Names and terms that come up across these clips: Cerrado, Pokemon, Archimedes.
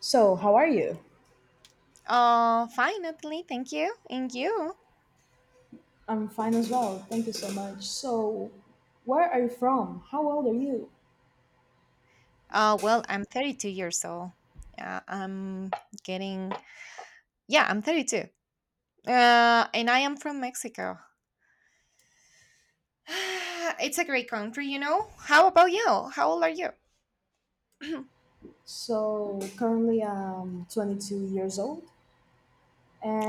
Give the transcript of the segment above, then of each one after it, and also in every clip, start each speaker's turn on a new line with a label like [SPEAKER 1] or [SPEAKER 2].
[SPEAKER 1] So, how are you?
[SPEAKER 2] Fine, Natalie. Thank you. And you?
[SPEAKER 1] I'm fine as well. Thank you so much. So, where are you from? How old are you?
[SPEAKER 2] Well, I'm 32 years old. Yeah, I'm getting. Yeah, I'm 32. And I am from Mexico. It's a great country, you know. How about you? How old are you?
[SPEAKER 1] So, currently I'm 22 years old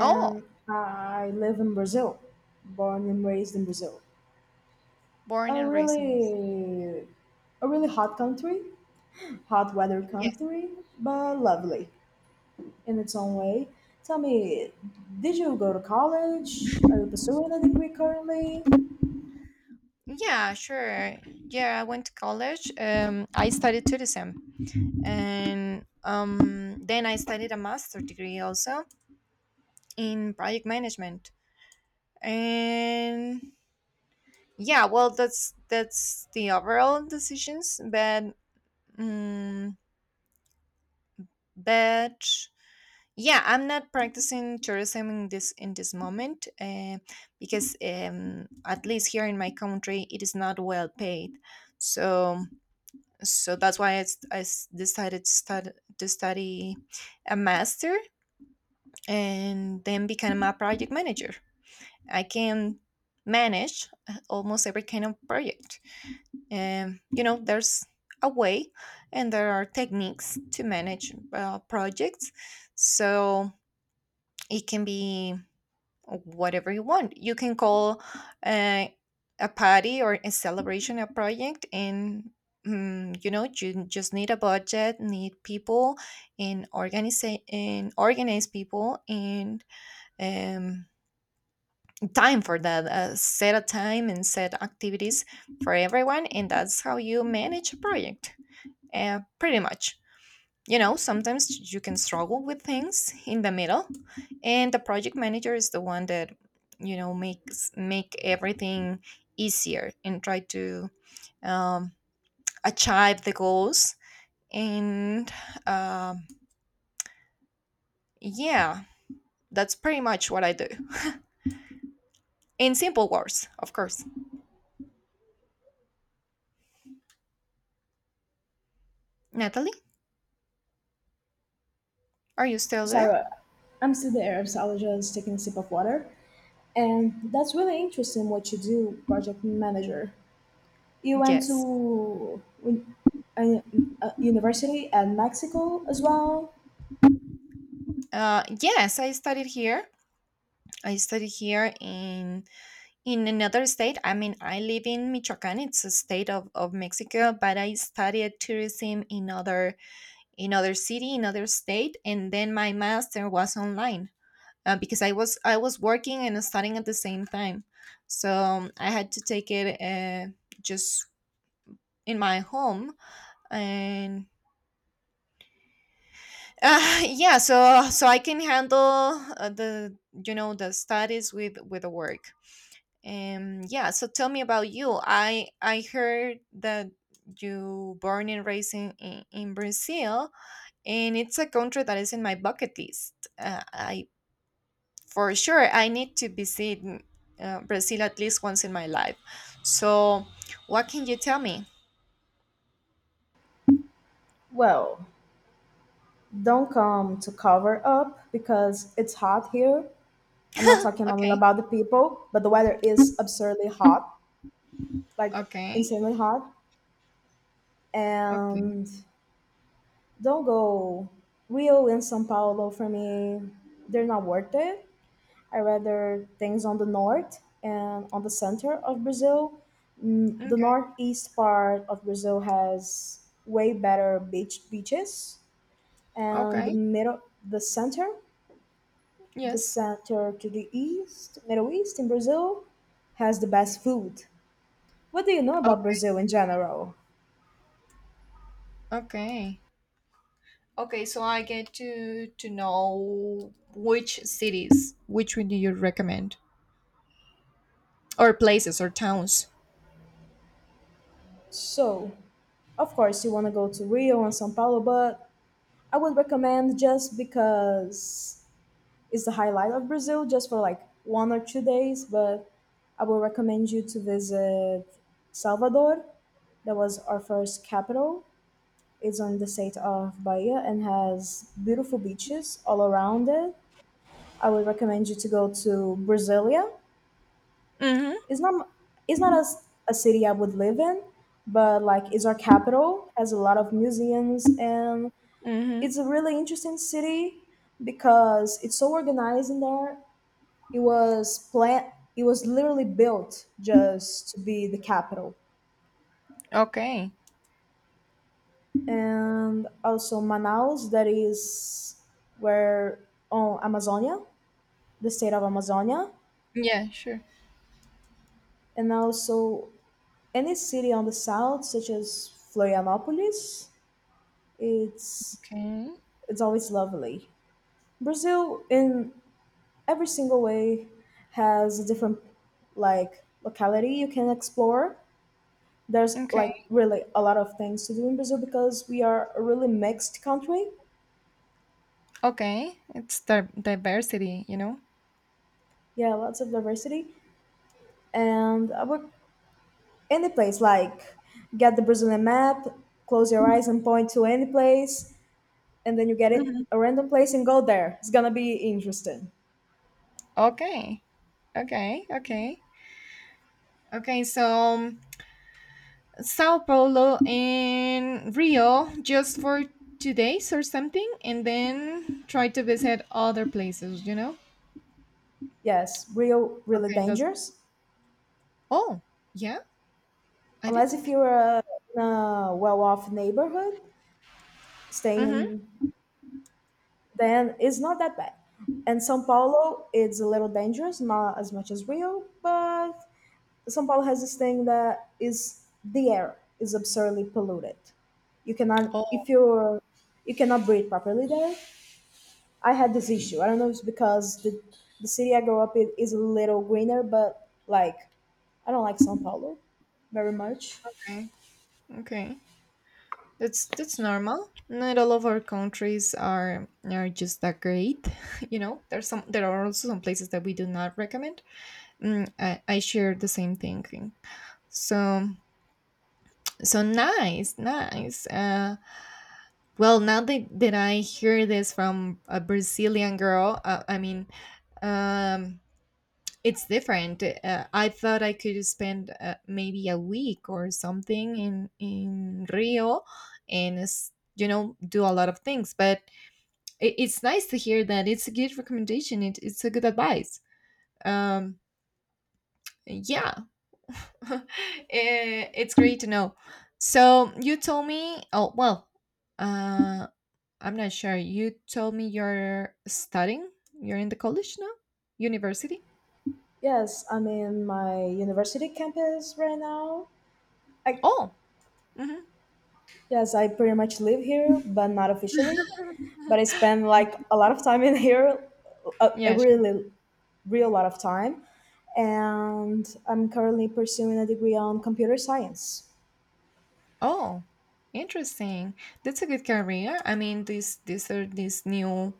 [SPEAKER 2] Oh,
[SPEAKER 1] I live in Brazil, born and raised in Brazil.
[SPEAKER 2] born
[SPEAKER 1] A
[SPEAKER 2] and raised in Mexico.
[SPEAKER 1] really a really hot country, hot weather
[SPEAKER 2] Yes.
[SPEAKER 1] country, but lovely in its own way. Tell me, did you go to college? Are you pursuing a degree currently?
[SPEAKER 2] Yeah, sure. Yeah, I went to college. I studied tourism, and then I studied a master degree also in project management. And yeah, well, that's the overall decisions, but mm but yeah, I'm not practicing tourism in this moment, because at least here in my country, it is not well paid. So that's why I decided to study a master and then become a project manager. I can manage almost every kind of project. You know, there's a way, and there are techniques to manage projects. So it can be whatever you want. You can call uh, a party or a celebration a project, and you know, you just need a budget, need people and organize people, and um, time for that. Set a time and set activities for everyone, and that's how you manage a project, pretty much. You know, sometimes you can struggle with things in the middle, and the project manager is the one that, you know, makes make everything easier and try to, um, achieve the goals. And um, yeah, that's pretty much what I do, in simple words, of course. Natalie, are you still
[SPEAKER 1] Sorry,
[SPEAKER 2] there?
[SPEAKER 1] I'm still there, so I was just taking a sip of water. And that's really interesting what you do, project manager. You went
[SPEAKER 2] Yes.
[SPEAKER 1] to a, a university at Mexico as well.
[SPEAKER 2] Yes, I studied here. I studied here in another state. I mean, I live in Michoacan. It's a state of Mexico, but I studied tourism in other city in other state. And then my master was online, because I was working and studying at the same time. So I had to take it, just in my home. And yeah, so I can handle the, you know, the studies with the work. Yeah, so tell me about you. I heard that you born and raised in Brazil, and it's a country that is in my bucket list. I For sure I need to visit Brazil at least once in my life. So, what can you tell me?
[SPEAKER 1] Well, don't come to cover up because it's hot here. I'm not talking only
[SPEAKER 2] Okay,
[SPEAKER 1] about the people, but the weather is absurdly hot, like
[SPEAKER 2] okay,
[SPEAKER 1] insanely hot.
[SPEAKER 2] okay,
[SPEAKER 1] And don't go Rio and São Paulo for me, they're not worth it. I rather things on the north and on the center of Brazil. Mm, the
[SPEAKER 2] okay,
[SPEAKER 1] northeast part of Brazil has way better beaches, and the
[SPEAKER 2] okay.
[SPEAKER 1] middle, the center, the
[SPEAKER 2] Yes.
[SPEAKER 1] center to the east, middle east in Brazil, has the best food. What do you know about
[SPEAKER 2] Okay,
[SPEAKER 1] Brazil in general?
[SPEAKER 2] okay, okay. So I get to know which cities. Which one do you recommend? Or places or towns.
[SPEAKER 1] So, of course, you want to go to Rio and São Paulo, but I would recommend just because is the highlight of Brazil just for like 1 or 2 days, but I will recommend you to visit Salvador. That was our first capital. It's on the state of Bahia and has beautiful beaches all around it. I would recommend you to go to Brasilia.
[SPEAKER 2] Mm-hmm.
[SPEAKER 1] It's not it's not as a city I would live in, but like it's our capital, has a lot of museums, and
[SPEAKER 2] Mm-hmm.
[SPEAKER 1] it's a really interesting city because it's so organized in there. It was plan. It was literally built just to be the capital,
[SPEAKER 2] Okay.
[SPEAKER 1] and also Manaus, that is where on Amazonia, the state of Amazonia,
[SPEAKER 2] Yeah, sure.
[SPEAKER 1] and also any city on the south such as Florianopolis. it's
[SPEAKER 2] Okay.
[SPEAKER 1] it's always lovely. Brazil in every single way has a different, like, locality you can explore. There's
[SPEAKER 2] Okay.
[SPEAKER 1] like really a lot of things to do in Brazil because we are a really mixed country.
[SPEAKER 2] Okay. It's the diversity, you know?
[SPEAKER 1] Yeah, lots of diversity. And I would any place, like, get the Brazilian map, close your eyes and point to any place, and then you get it
[SPEAKER 2] Mhm.
[SPEAKER 1] a random place and go there. It's gonna be interesting.
[SPEAKER 2] Okay. Okay. Okay. Okay. So Sao Paulo and Rio just for 2 days or something, and then try to visit other places, you know?
[SPEAKER 1] Yes, real really
[SPEAKER 2] Okay. That's.
[SPEAKER 1] dangerous.
[SPEAKER 2] Oh, yeah. I
[SPEAKER 1] Unless if
[SPEAKER 2] didn't.
[SPEAKER 1] you're a, in a well-off neighborhood, staying
[SPEAKER 2] Mm-hmm.
[SPEAKER 1] in, then it's not that bad. And São Paulo, it's a little dangerous, not as much as Rio, but São Paulo has this thing that is the air is absurdly polluted. You cannot
[SPEAKER 2] Oh,
[SPEAKER 1] if you're you cannot breathe properly there. I had this issue. I don't know if it's because the city I grew up in is a little greener, but, like, I don't like São Paulo very much.
[SPEAKER 2] okay. Okay. That's normal. Not all of our countries are just that great. You know, there are also some places that we do not recommend. Mm, I share the same thinking. So nice, nice. Well, now that I hear this from a Brazilian girl, I mean, um, it's different. I thought I could spend maybe a week or something in Rio, and you know, do a lot of things, but it's nice to hear that it's a good recommendation. It's a good advice. Um, yeah, it's great to know. So you told me. Oh, well, uh, I'm not sure. You told me you're studying. You're in the college now, university.
[SPEAKER 1] Yes, I'm in my university campus right now. I—
[SPEAKER 2] Oh. Mhm.
[SPEAKER 1] Yes, I pretty much live here, but not officially. But I spend like a lot of time in here, a
[SPEAKER 2] Yeah, sure.
[SPEAKER 1] really, real lot of time. And I'm currently pursuing a degree on computer science.
[SPEAKER 2] Oh, interesting. That's a good career. I mean, these new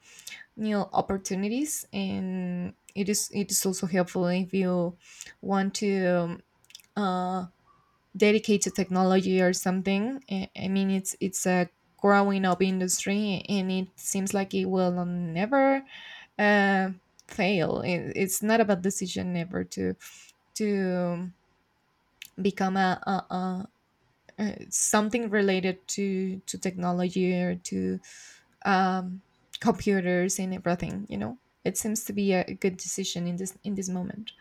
[SPEAKER 2] opportunities, and it is also helpful if you want to, uh, dedicate to technology or something. I mean, it's a growing up industry, and it seems like it will never, uh, fail. It's not a bad decision ever to become a, something related to technology or to, um, computers and everything. You know, it seems to be a good decision in this moment.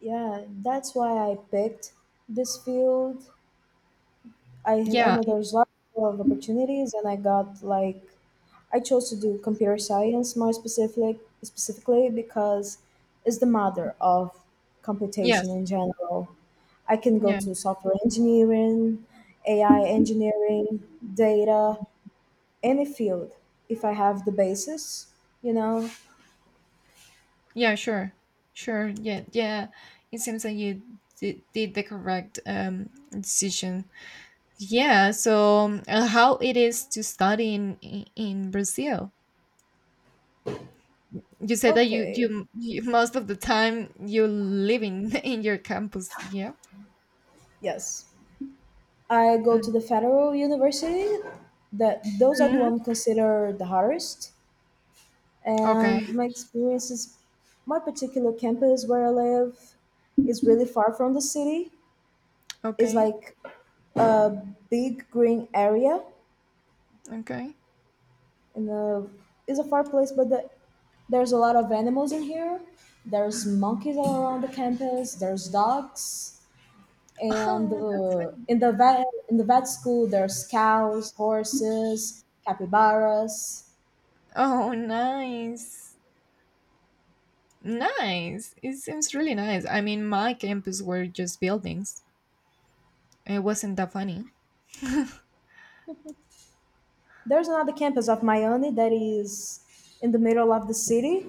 [SPEAKER 1] Yeah, that's why I picked this field. I
[SPEAKER 2] Yeah.
[SPEAKER 1] know there's lots of opportunities, and I got like I chose to do computer science more specific specifically because it's the mother of computation
[SPEAKER 2] Yes.
[SPEAKER 1] in general. I can go
[SPEAKER 2] Yeah.
[SPEAKER 1] to software engineering, AI engineering, data, any field if I have the basis, you know.
[SPEAKER 2] Yeah. Sure. Sure. Yeah. Yeah. It seems that you did the correct decision. Yeah. So, how it is to study in Brazil? You said that
[SPEAKER 1] Okay.
[SPEAKER 2] you most of the time you live in in your campus. Yeah.
[SPEAKER 1] Yes. I go
[SPEAKER 2] Mm-hmm.
[SPEAKER 1] to the federal university. That those are the
[SPEAKER 2] Mm-hmm.
[SPEAKER 1] ones considered the hardest,
[SPEAKER 2] Okay.
[SPEAKER 1] and my experience is my particular campus where I live is really far from the city. It's
[SPEAKER 2] Okay.
[SPEAKER 1] like a big green area,
[SPEAKER 2] Okay.
[SPEAKER 1] and a, it's a far place, but the, there's a lot of animals in here. There's monkeys all around the campus. There's dogs, and
[SPEAKER 2] Oh, that's funny.
[SPEAKER 1] in the vet school there's cows, horses, capybaras.
[SPEAKER 2] Oh, nice. Nice. It seems really nice. I mean, my campus were just buildings. It wasn't that funny.
[SPEAKER 1] There's another campus of Miami that is in the middle of the city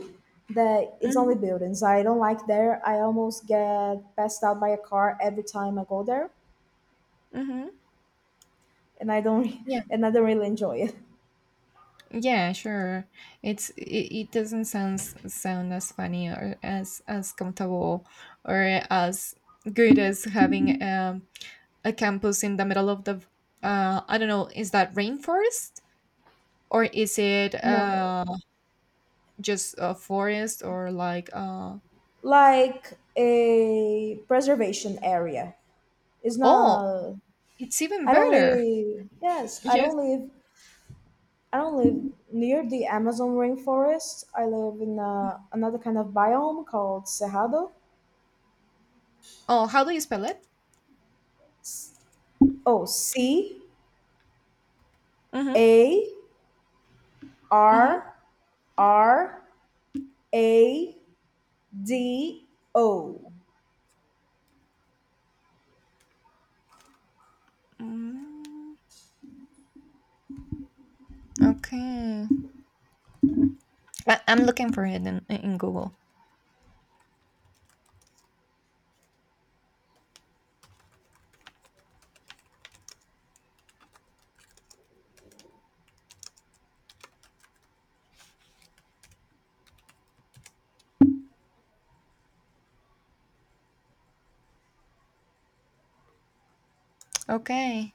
[SPEAKER 1] that it's only
[SPEAKER 2] Hmm.
[SPEAKER 1] buildings. I don't like there. I almost get passed out by a car every time I go there,
[SPEAKER 2] Hmm.
[SPEAKER 1] and I don't
[SPEAKER 2] Yeah.
[SPEAKER 1] and I don't really enjoy it.
[SPEAKER 2] Yeah, sure. It doesn't sound as funny or as comfortable or as good as having, a campus in the middle of the, I don't know, is that rainforest or is it
[SPEAKER 1] No,
[SPEAKER 2] just a forest or like
[SPEAKER 1] like a preservation area. It's
[SPEAKER 2] oh,
[SPEAKER 1] not.
[SPEAKER 2] it's even
[SPEAKER 1] I don't
[SPEAKER 2] better.
[SPEAKER 1] live. Yes, I
[SPEAKER 2] Yeah.
[SPEAKER 1] don't live. I don't live near the Amazon rainforest. I live in another kind of biome called Cerrado.
[SPEAKER 2] Oh, how do you spell it?
[SPEAKER 1] Oh, C
[SPEAKER 2] Mm-hmm.
[SPEAKER 1] A
[SPEAKER 2] Mm-hmm.
[SPEAKER 1] R R A D O.
[SPEAKER 2] mm Okay. I'm looking for it in Google. Okay.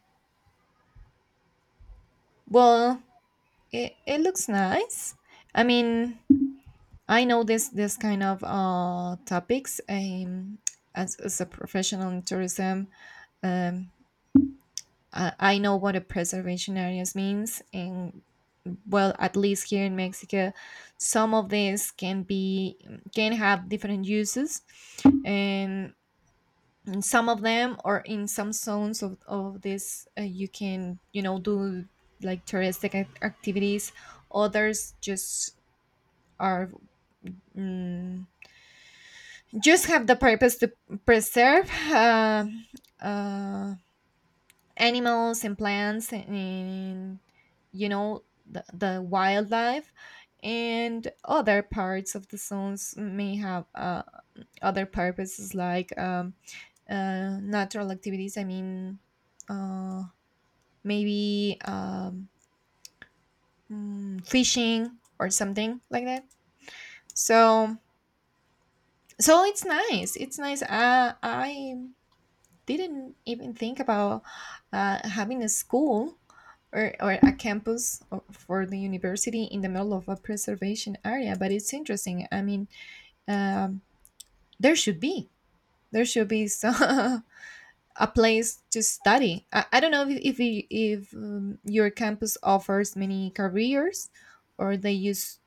[SPEAKER 2] Well, it looks nice. I mean, I know this kind of topics. As a professional in tourism, um, I know what a preservation areas means. And well, at least here in Mexico, some of these can have different uses, and some of them, or in some zones of this, you can, you know, do like touristic activities. Others just are, mm, just have the purpose to preserve, uh, animals and plants, and you know, the wildlife. And other parts of the zones may have, other purposes, like natural activities. I mean, uh, maybe fishing or something like that. So it's nice. It's nice. I didn't even think about, having a school or a campus for the university in the middle of a preservation area. But it's interesting. I mean, um, there should be there should be some a place to study. I don't know if, if your campus offers many careers, or they use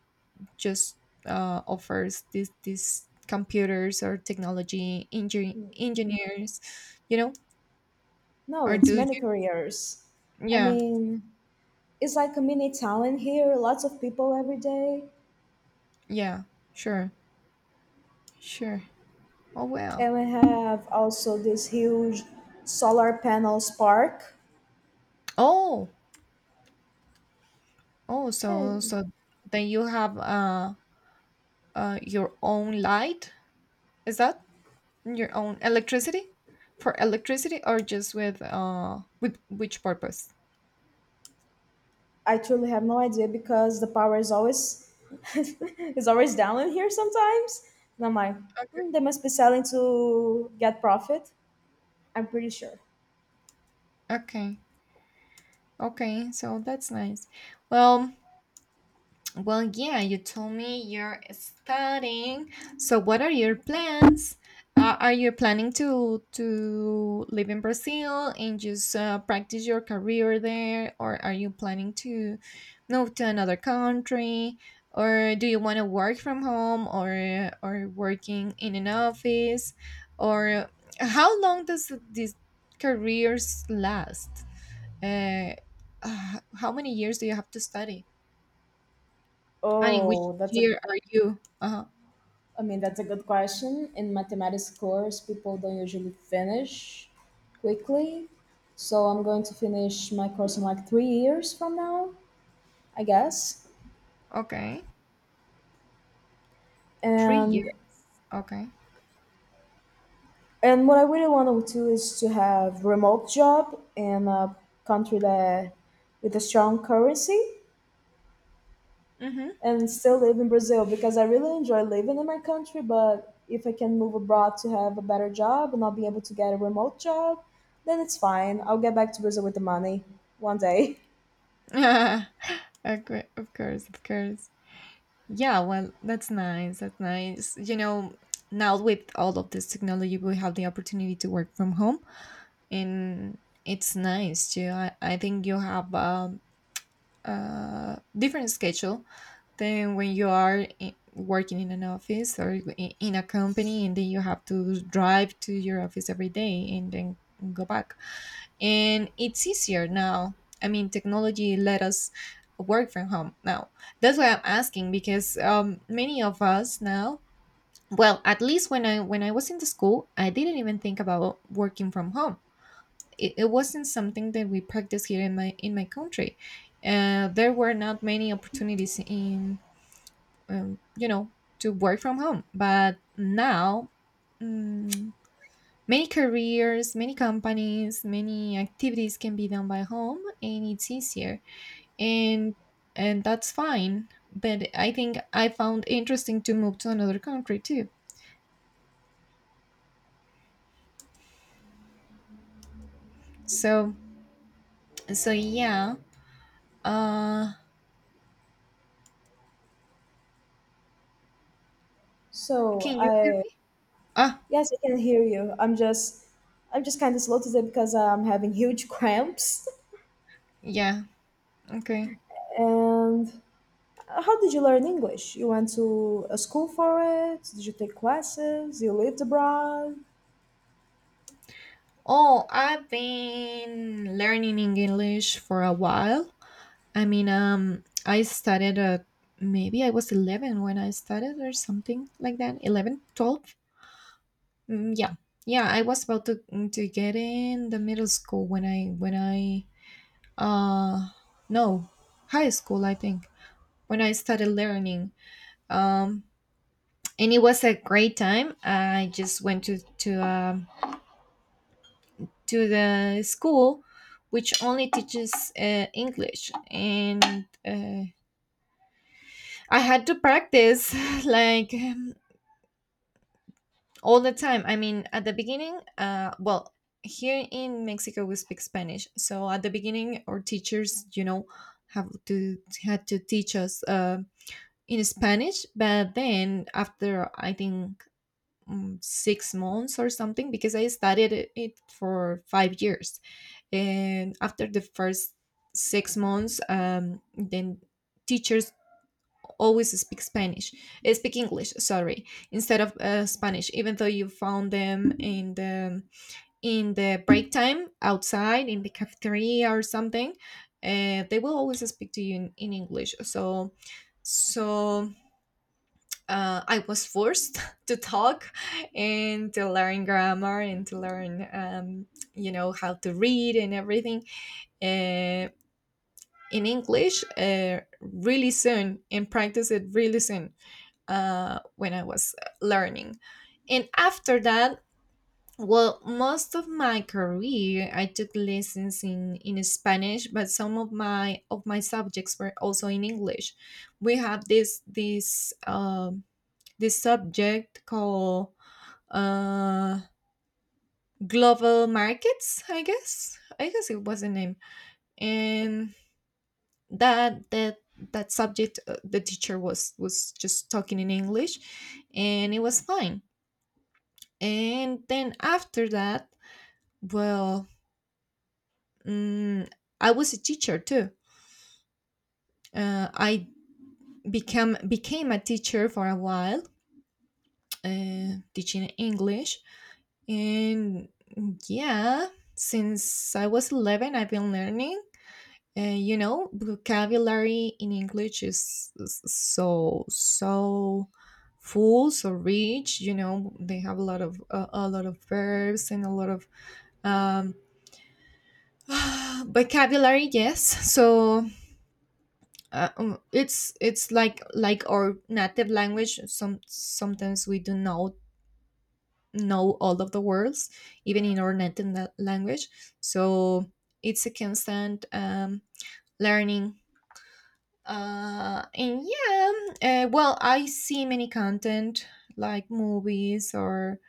[SPEAKER 2] just, offers this these computers or technology engineers, you know,
[SPEAKER 1] No,
[SPEAKER 2] or
[SPEAKER 1] it's
[SPEAKER 2] do you,
[SPEAKER 1] many careers. I
[SPEAKER 2] yeah,
[SPEAKER 1] mean, it's like a mini town here, lots of people every day.
[SPEAKER 2] yeah, sure, sure, oh well,
[SPEAKER 1] And we have also this huge solar panels park.
[SPEAKER 2] oh,
[SPEAKER 1] And
[SPEAKER 2] so then you have your own light. Is that your own electricity, for electricity, or just with which purpose?
[SPEAKER 1] I truly have no idea because the power is always is always down in here sometimes. And I'm like, "Hmm, they must be selling to get profit. I'm pretty sure."
[SPEAKER 2] Okay. Okay, so that's nice. well Well, yeah, you told me you're studying. So, what are your plans? Are you planning to live in Brazil and just, practice your career there? Or are you planning to move to another country? Or do you want to work from home, or working in an office, or how long does these careers last? Uh, how many years do you have to study? And in which
[SPEAKER 1] Oh, that's a
[SPEAKER 2] year are you? Uh-huh.
[SPEAKER 1] I mean, that's a good question. In mathematics course, people don't usually finish quickly. So I'm going to finish my course in like 3 years from now, I guess.
[SPEAKER 2] Okay. 3 years.
[SPEAKER 1] And
[SPEAKER 2] Okay.
[SPEAKER 1] and what I really want to do is to have remote job in a country that with a strong currency, and still live in Brazil because I really enjoy living in my country. But if I can move abroad to have a better job and not be able to get a remote job, then it's fine. I'll get back to Brazil with the money one day.
[SPEAKER 2] Mm-hmm. Okay. Of course. Of course. Yeah. Well, that's nice. That's nice. You know, now with all of this technology, we have the opportunity to work from home, and it's nice too. I think you have a. Different schedule than when you are I working in an office, or in a company, and then you have to drive to your office every day and then go back. And it's easier now. I mean, technology let us work from home now. That's why I'm asking, because many of us now, well, at least when I was in the school, I didn't even think about working from home. It wasn't something that we practiced here in my country. There were not many opportunities in, you know, to work from home. But now, mm, many careers, many companies, many activities can be done by home, and it's easier. and and that's fine. But I think I found interesting to move to another country too. So yeah. Uh,
[SPEAKER 1] So
[SPEAKER 2] can you hear
[SPEAKER 1] I
[SPEAKER 2] me? Ah,
[SPEAKER 1] yes, I can hear you. I'm just kind of slow today because I'm having huge cramps.
[SPEAKER 2] yeah. Okay.
[SPEAKER 1] And how did you learn English? You went to a school for it? Did you take classes? You lived abroad?
[SPEAKER 2] Oh, I've been learning English for a while. I mean, I started, maybe I was 11 when I started or something like that. 11, 12, yeah. Yeah, I was about to to get in the middle school when I uh no, high school, I think. When I started learning. Um and it was a great time. I just went to a to the school which only teaches English. And I had to practice like um, all the time. I mean at the beginning, well, here in Mexico we speak Spanish, so at the beginning our teachers, you know, have to had to teach us in Spanish. But then after, I think, 6 months or something, because I studied it for 5 years. And after the first 6 months, then teachers always speak spanish speak English, sorry, instead of Spanish, even though you found them in the break time outside in the cafeteria or something. They will always speak to you in English. So I was forced to talk and to learn grammar and to learn, you know, how to read and everything. Eh, in English, really soon, and practice it really soon when I was learning. And after that, well, most of my career I took lessons in Spanish, but some of my subjects were also in English. We have this subject called, uh, global markets, I guess, it was the name. And that that that subject, the teacher was just talking in English, and it was fine. And then after that, well, mm, I was a teacher too. Uh, i become became a teacher for a while, teaching English. And yeah, since I was 11, I've been learning. You know, vocabulary in English is so so full, so rich. You know, they have a lot of verbs and a lot of um, vocabulary. Yes. So it's like our native language. Sometimes we do not know all of the words, even in our native language. So it's a constant learning. And yeah. Well, I see many content like movies or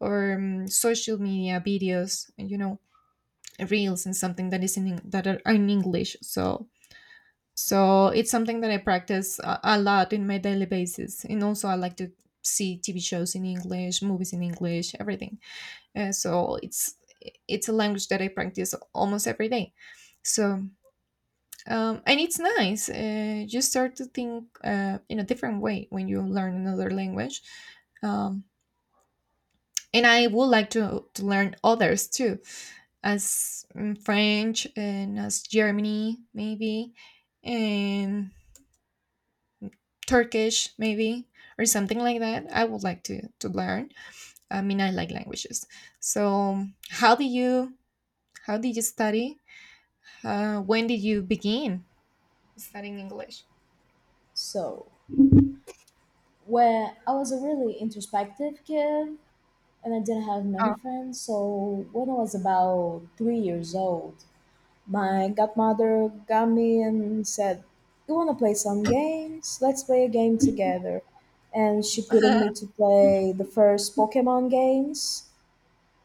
[SPEAKER 2] or social media videos, you know, reels and something that is in Eng- that are in English. So it's something that I practice a lot in my daily basis. And also I like to see TV shows in English, movies in English, everything. So it's a language that I practice almost every day. So, and it's nice. You start to think in a different way when you learn another language. Um, and I would like to learn others too, as, French, and as Germany, maybe, and Turkish, maybe, or something like that. I would like to learn. I mean, I like languages. So, how did you, how did you study? When did you begin studying English?
[SPEAKER 1] So, where I was a really introspective kid, and I didn't have many friends. So when I was about 3 years old, my godmother got me and said, "You want to play some games? Let's play a game together." And she put in
[SPEAKER 2] Oh,
[SPEAKER 1] me to play the first Pokemon games.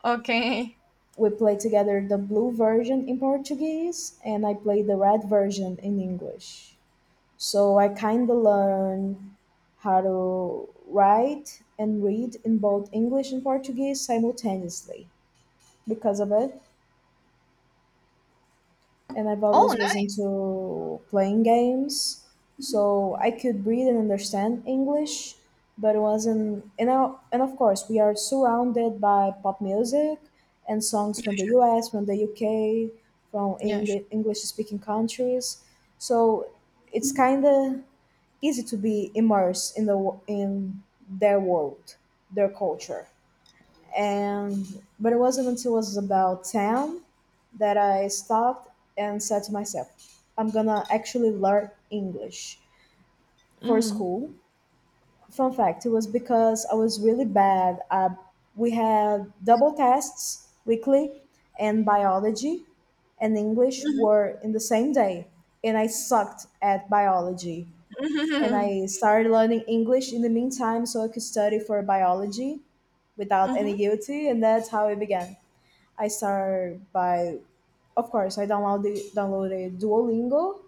[SPEAKER 2] okay.
[SPEAKER 1] We played together the blue version in Portuguese, and I played the red version in English. So I kind of learned how to write and read in both English and Portuguese simultaneously because of it, and I've
[SPEAKER 2] Oh,
[SPEAKER 1] always was
[SPEAKER 2] nice.
[SPEAKER 1] into playing games, so I could read and understand English. But it wasn't and of course we are surrounded by pop music and songs
[SPEAKER 2] Yeah,
[SPEAKER 1] from the
[SPEAKER 2] sure.
[SPEAKER 1] US, from the UK, from
[SPEAKER 2] Yeah, sure.
[SPEAKER 1] English speaking countries, so it's kind of easy to be immersed in their world, their culture, and but it wasn't until it was about 10 that I stopped and said to myself, "I'm gonna actually learn English for
[SPEAKER 2] Mm-hmm.
[SPEAKER 1] school." Fun fact: it was because I was really bad. We had double tests weekly, and biology and English
[SPEAKER 2] Mm-hmm.
[SPEAKER 1] were in the same day, and I sucked at biology, and I started learning English in the meantime so I could study for biology without any
[SPEAKER 2] Mm-hmm.
[SPEAKER 1] guilty, and that's how it began. I started by, of course, I downloaded Duolingo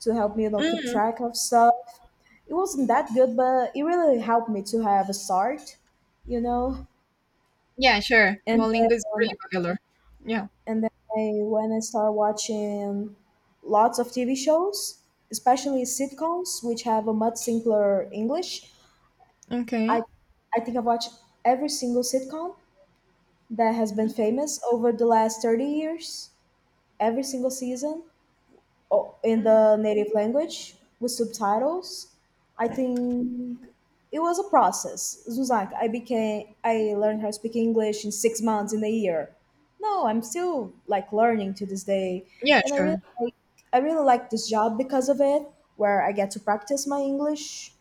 [SPEAKER 1] to help me, you know, keep
[SPEAKER 2] Mm-hmm.
[SPEAKER 1] track of stuff. It wasn't that good, but it really helped me to have a start, you know.
[SPEAKER 2] Yeah, sure.
[SPEAKER 1] And
[SPEAKER 2] Duolingo is
[SPEAKER 1] then,
[SPEAKER 2] really popular. Yeah.
[SPEAKER 1] and then I, when I started watching lots of TV shows, especially sitcoms, which have a much simpler English, I
[SPEAKER 2] Okay.
[SPEAKER 1] I think I've watched every single sitcom that has been famous over the last 30 years, every single season, in
[SPEAKER 2] Mm.
[SPEAKER 1] the native language with subtitles. I think it was a process. It was like I became I learned how to speak English in 6 months in a year. No, I'm still like learning to this day,
[SPEAKER 2] Yeah,
[SPEAKER 1] and
[SPEAKER 2] sure.
[SPEAKER 1] I really like this job because of it, where I get to practice my English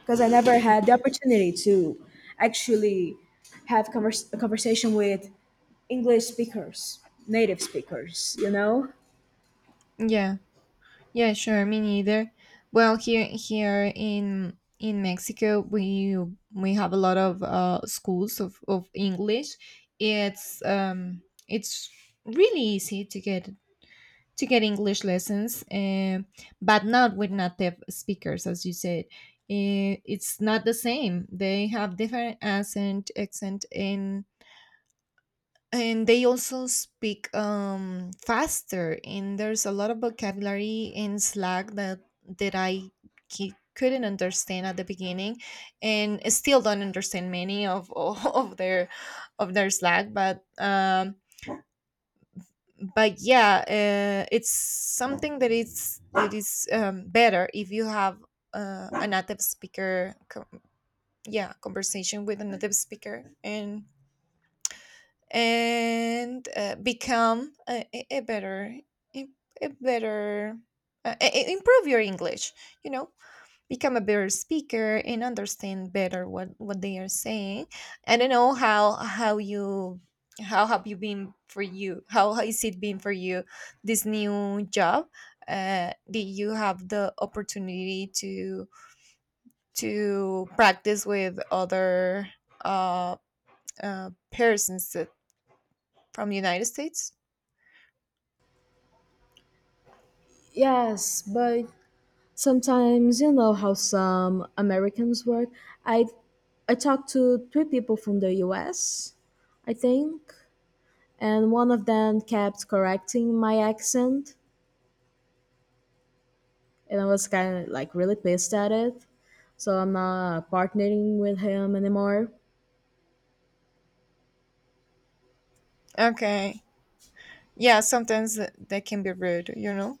[SPEAKER 1] because I never had the opportunity to actually have a conversation with English speakers, native speakers, you know.
[SPEAKER 2] Yeah. Yeah, sure. Me neither. Well, here in Mexico, we have a lot of schools of English. It's um it's really easy to get, to get English lessons, but not with native speakers, as you said. It's not the same. They have different accent, and they also speak faster. And there's a lot of vocabulary in Slack that that I couldn't understand at the beginning, and still don't understand many of of their, of their Slack. But yeah, it's something that it's, that is, better if you have a native speaker yeah, conversation with a native speaker. And become a better, a a better, improve your English, you know, become a better speaker and understand better what they are saying. I don't know how you how have you been for you how has it been for you, this new job. Did you have the opportunity to practice with other uh, persons from the United States?
[SPEAKER 1] Yes, but sometimes you know how some Americans work. I I talked to three people from the US, I think, and one of them kept correcting my accent, and I was kind of like really pissed at it. So I'm not partnering with him anymore.
[SPEAKER 2] Okay. Yeah, sometimes they can be rude, you know?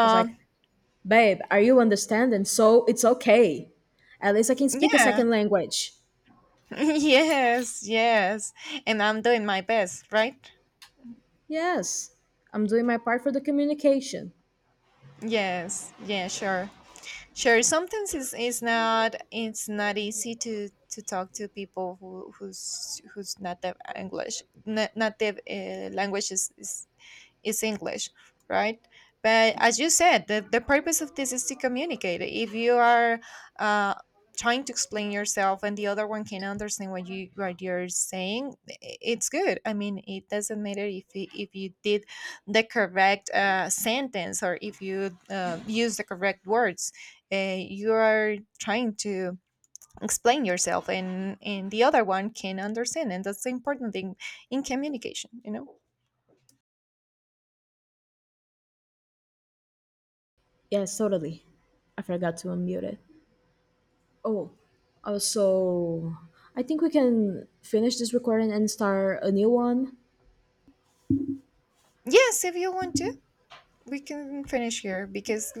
[SPEAKER 1] I was like, "Babe, are you understanding? So it's okay. At least I can speak a
[SPEAKER 2] yeah.
[SPEAKER 1] second language."
[SPEAKER 2] Yes, yes. And I'm doing my best, right?
[SPEAKER 1] Yes, I'm doing my part for the communication.
[SPEAKER 2] Yes. Yeah, sure. Sure, sometimes it's not, it's not easy to talk to people who's not the English, not native, the language is English, right? But as you said, the purpose of this is to communicate. If you are uh, trying to explain yourself and the other one can understand what you're saying, it's good. I mean, it doesn't matter if you did the correct sentence, or if you use the correct words. You are trying to explain yourself, and the other one can understand, and that's the important thing in communication, you know.
[SPEAKER 1] Yes, totally. I forgot to unmute it. Oh, so I think we can finish this recording and start a new one.
[SPEAKER 2] Yes, if you want to. We can finish here because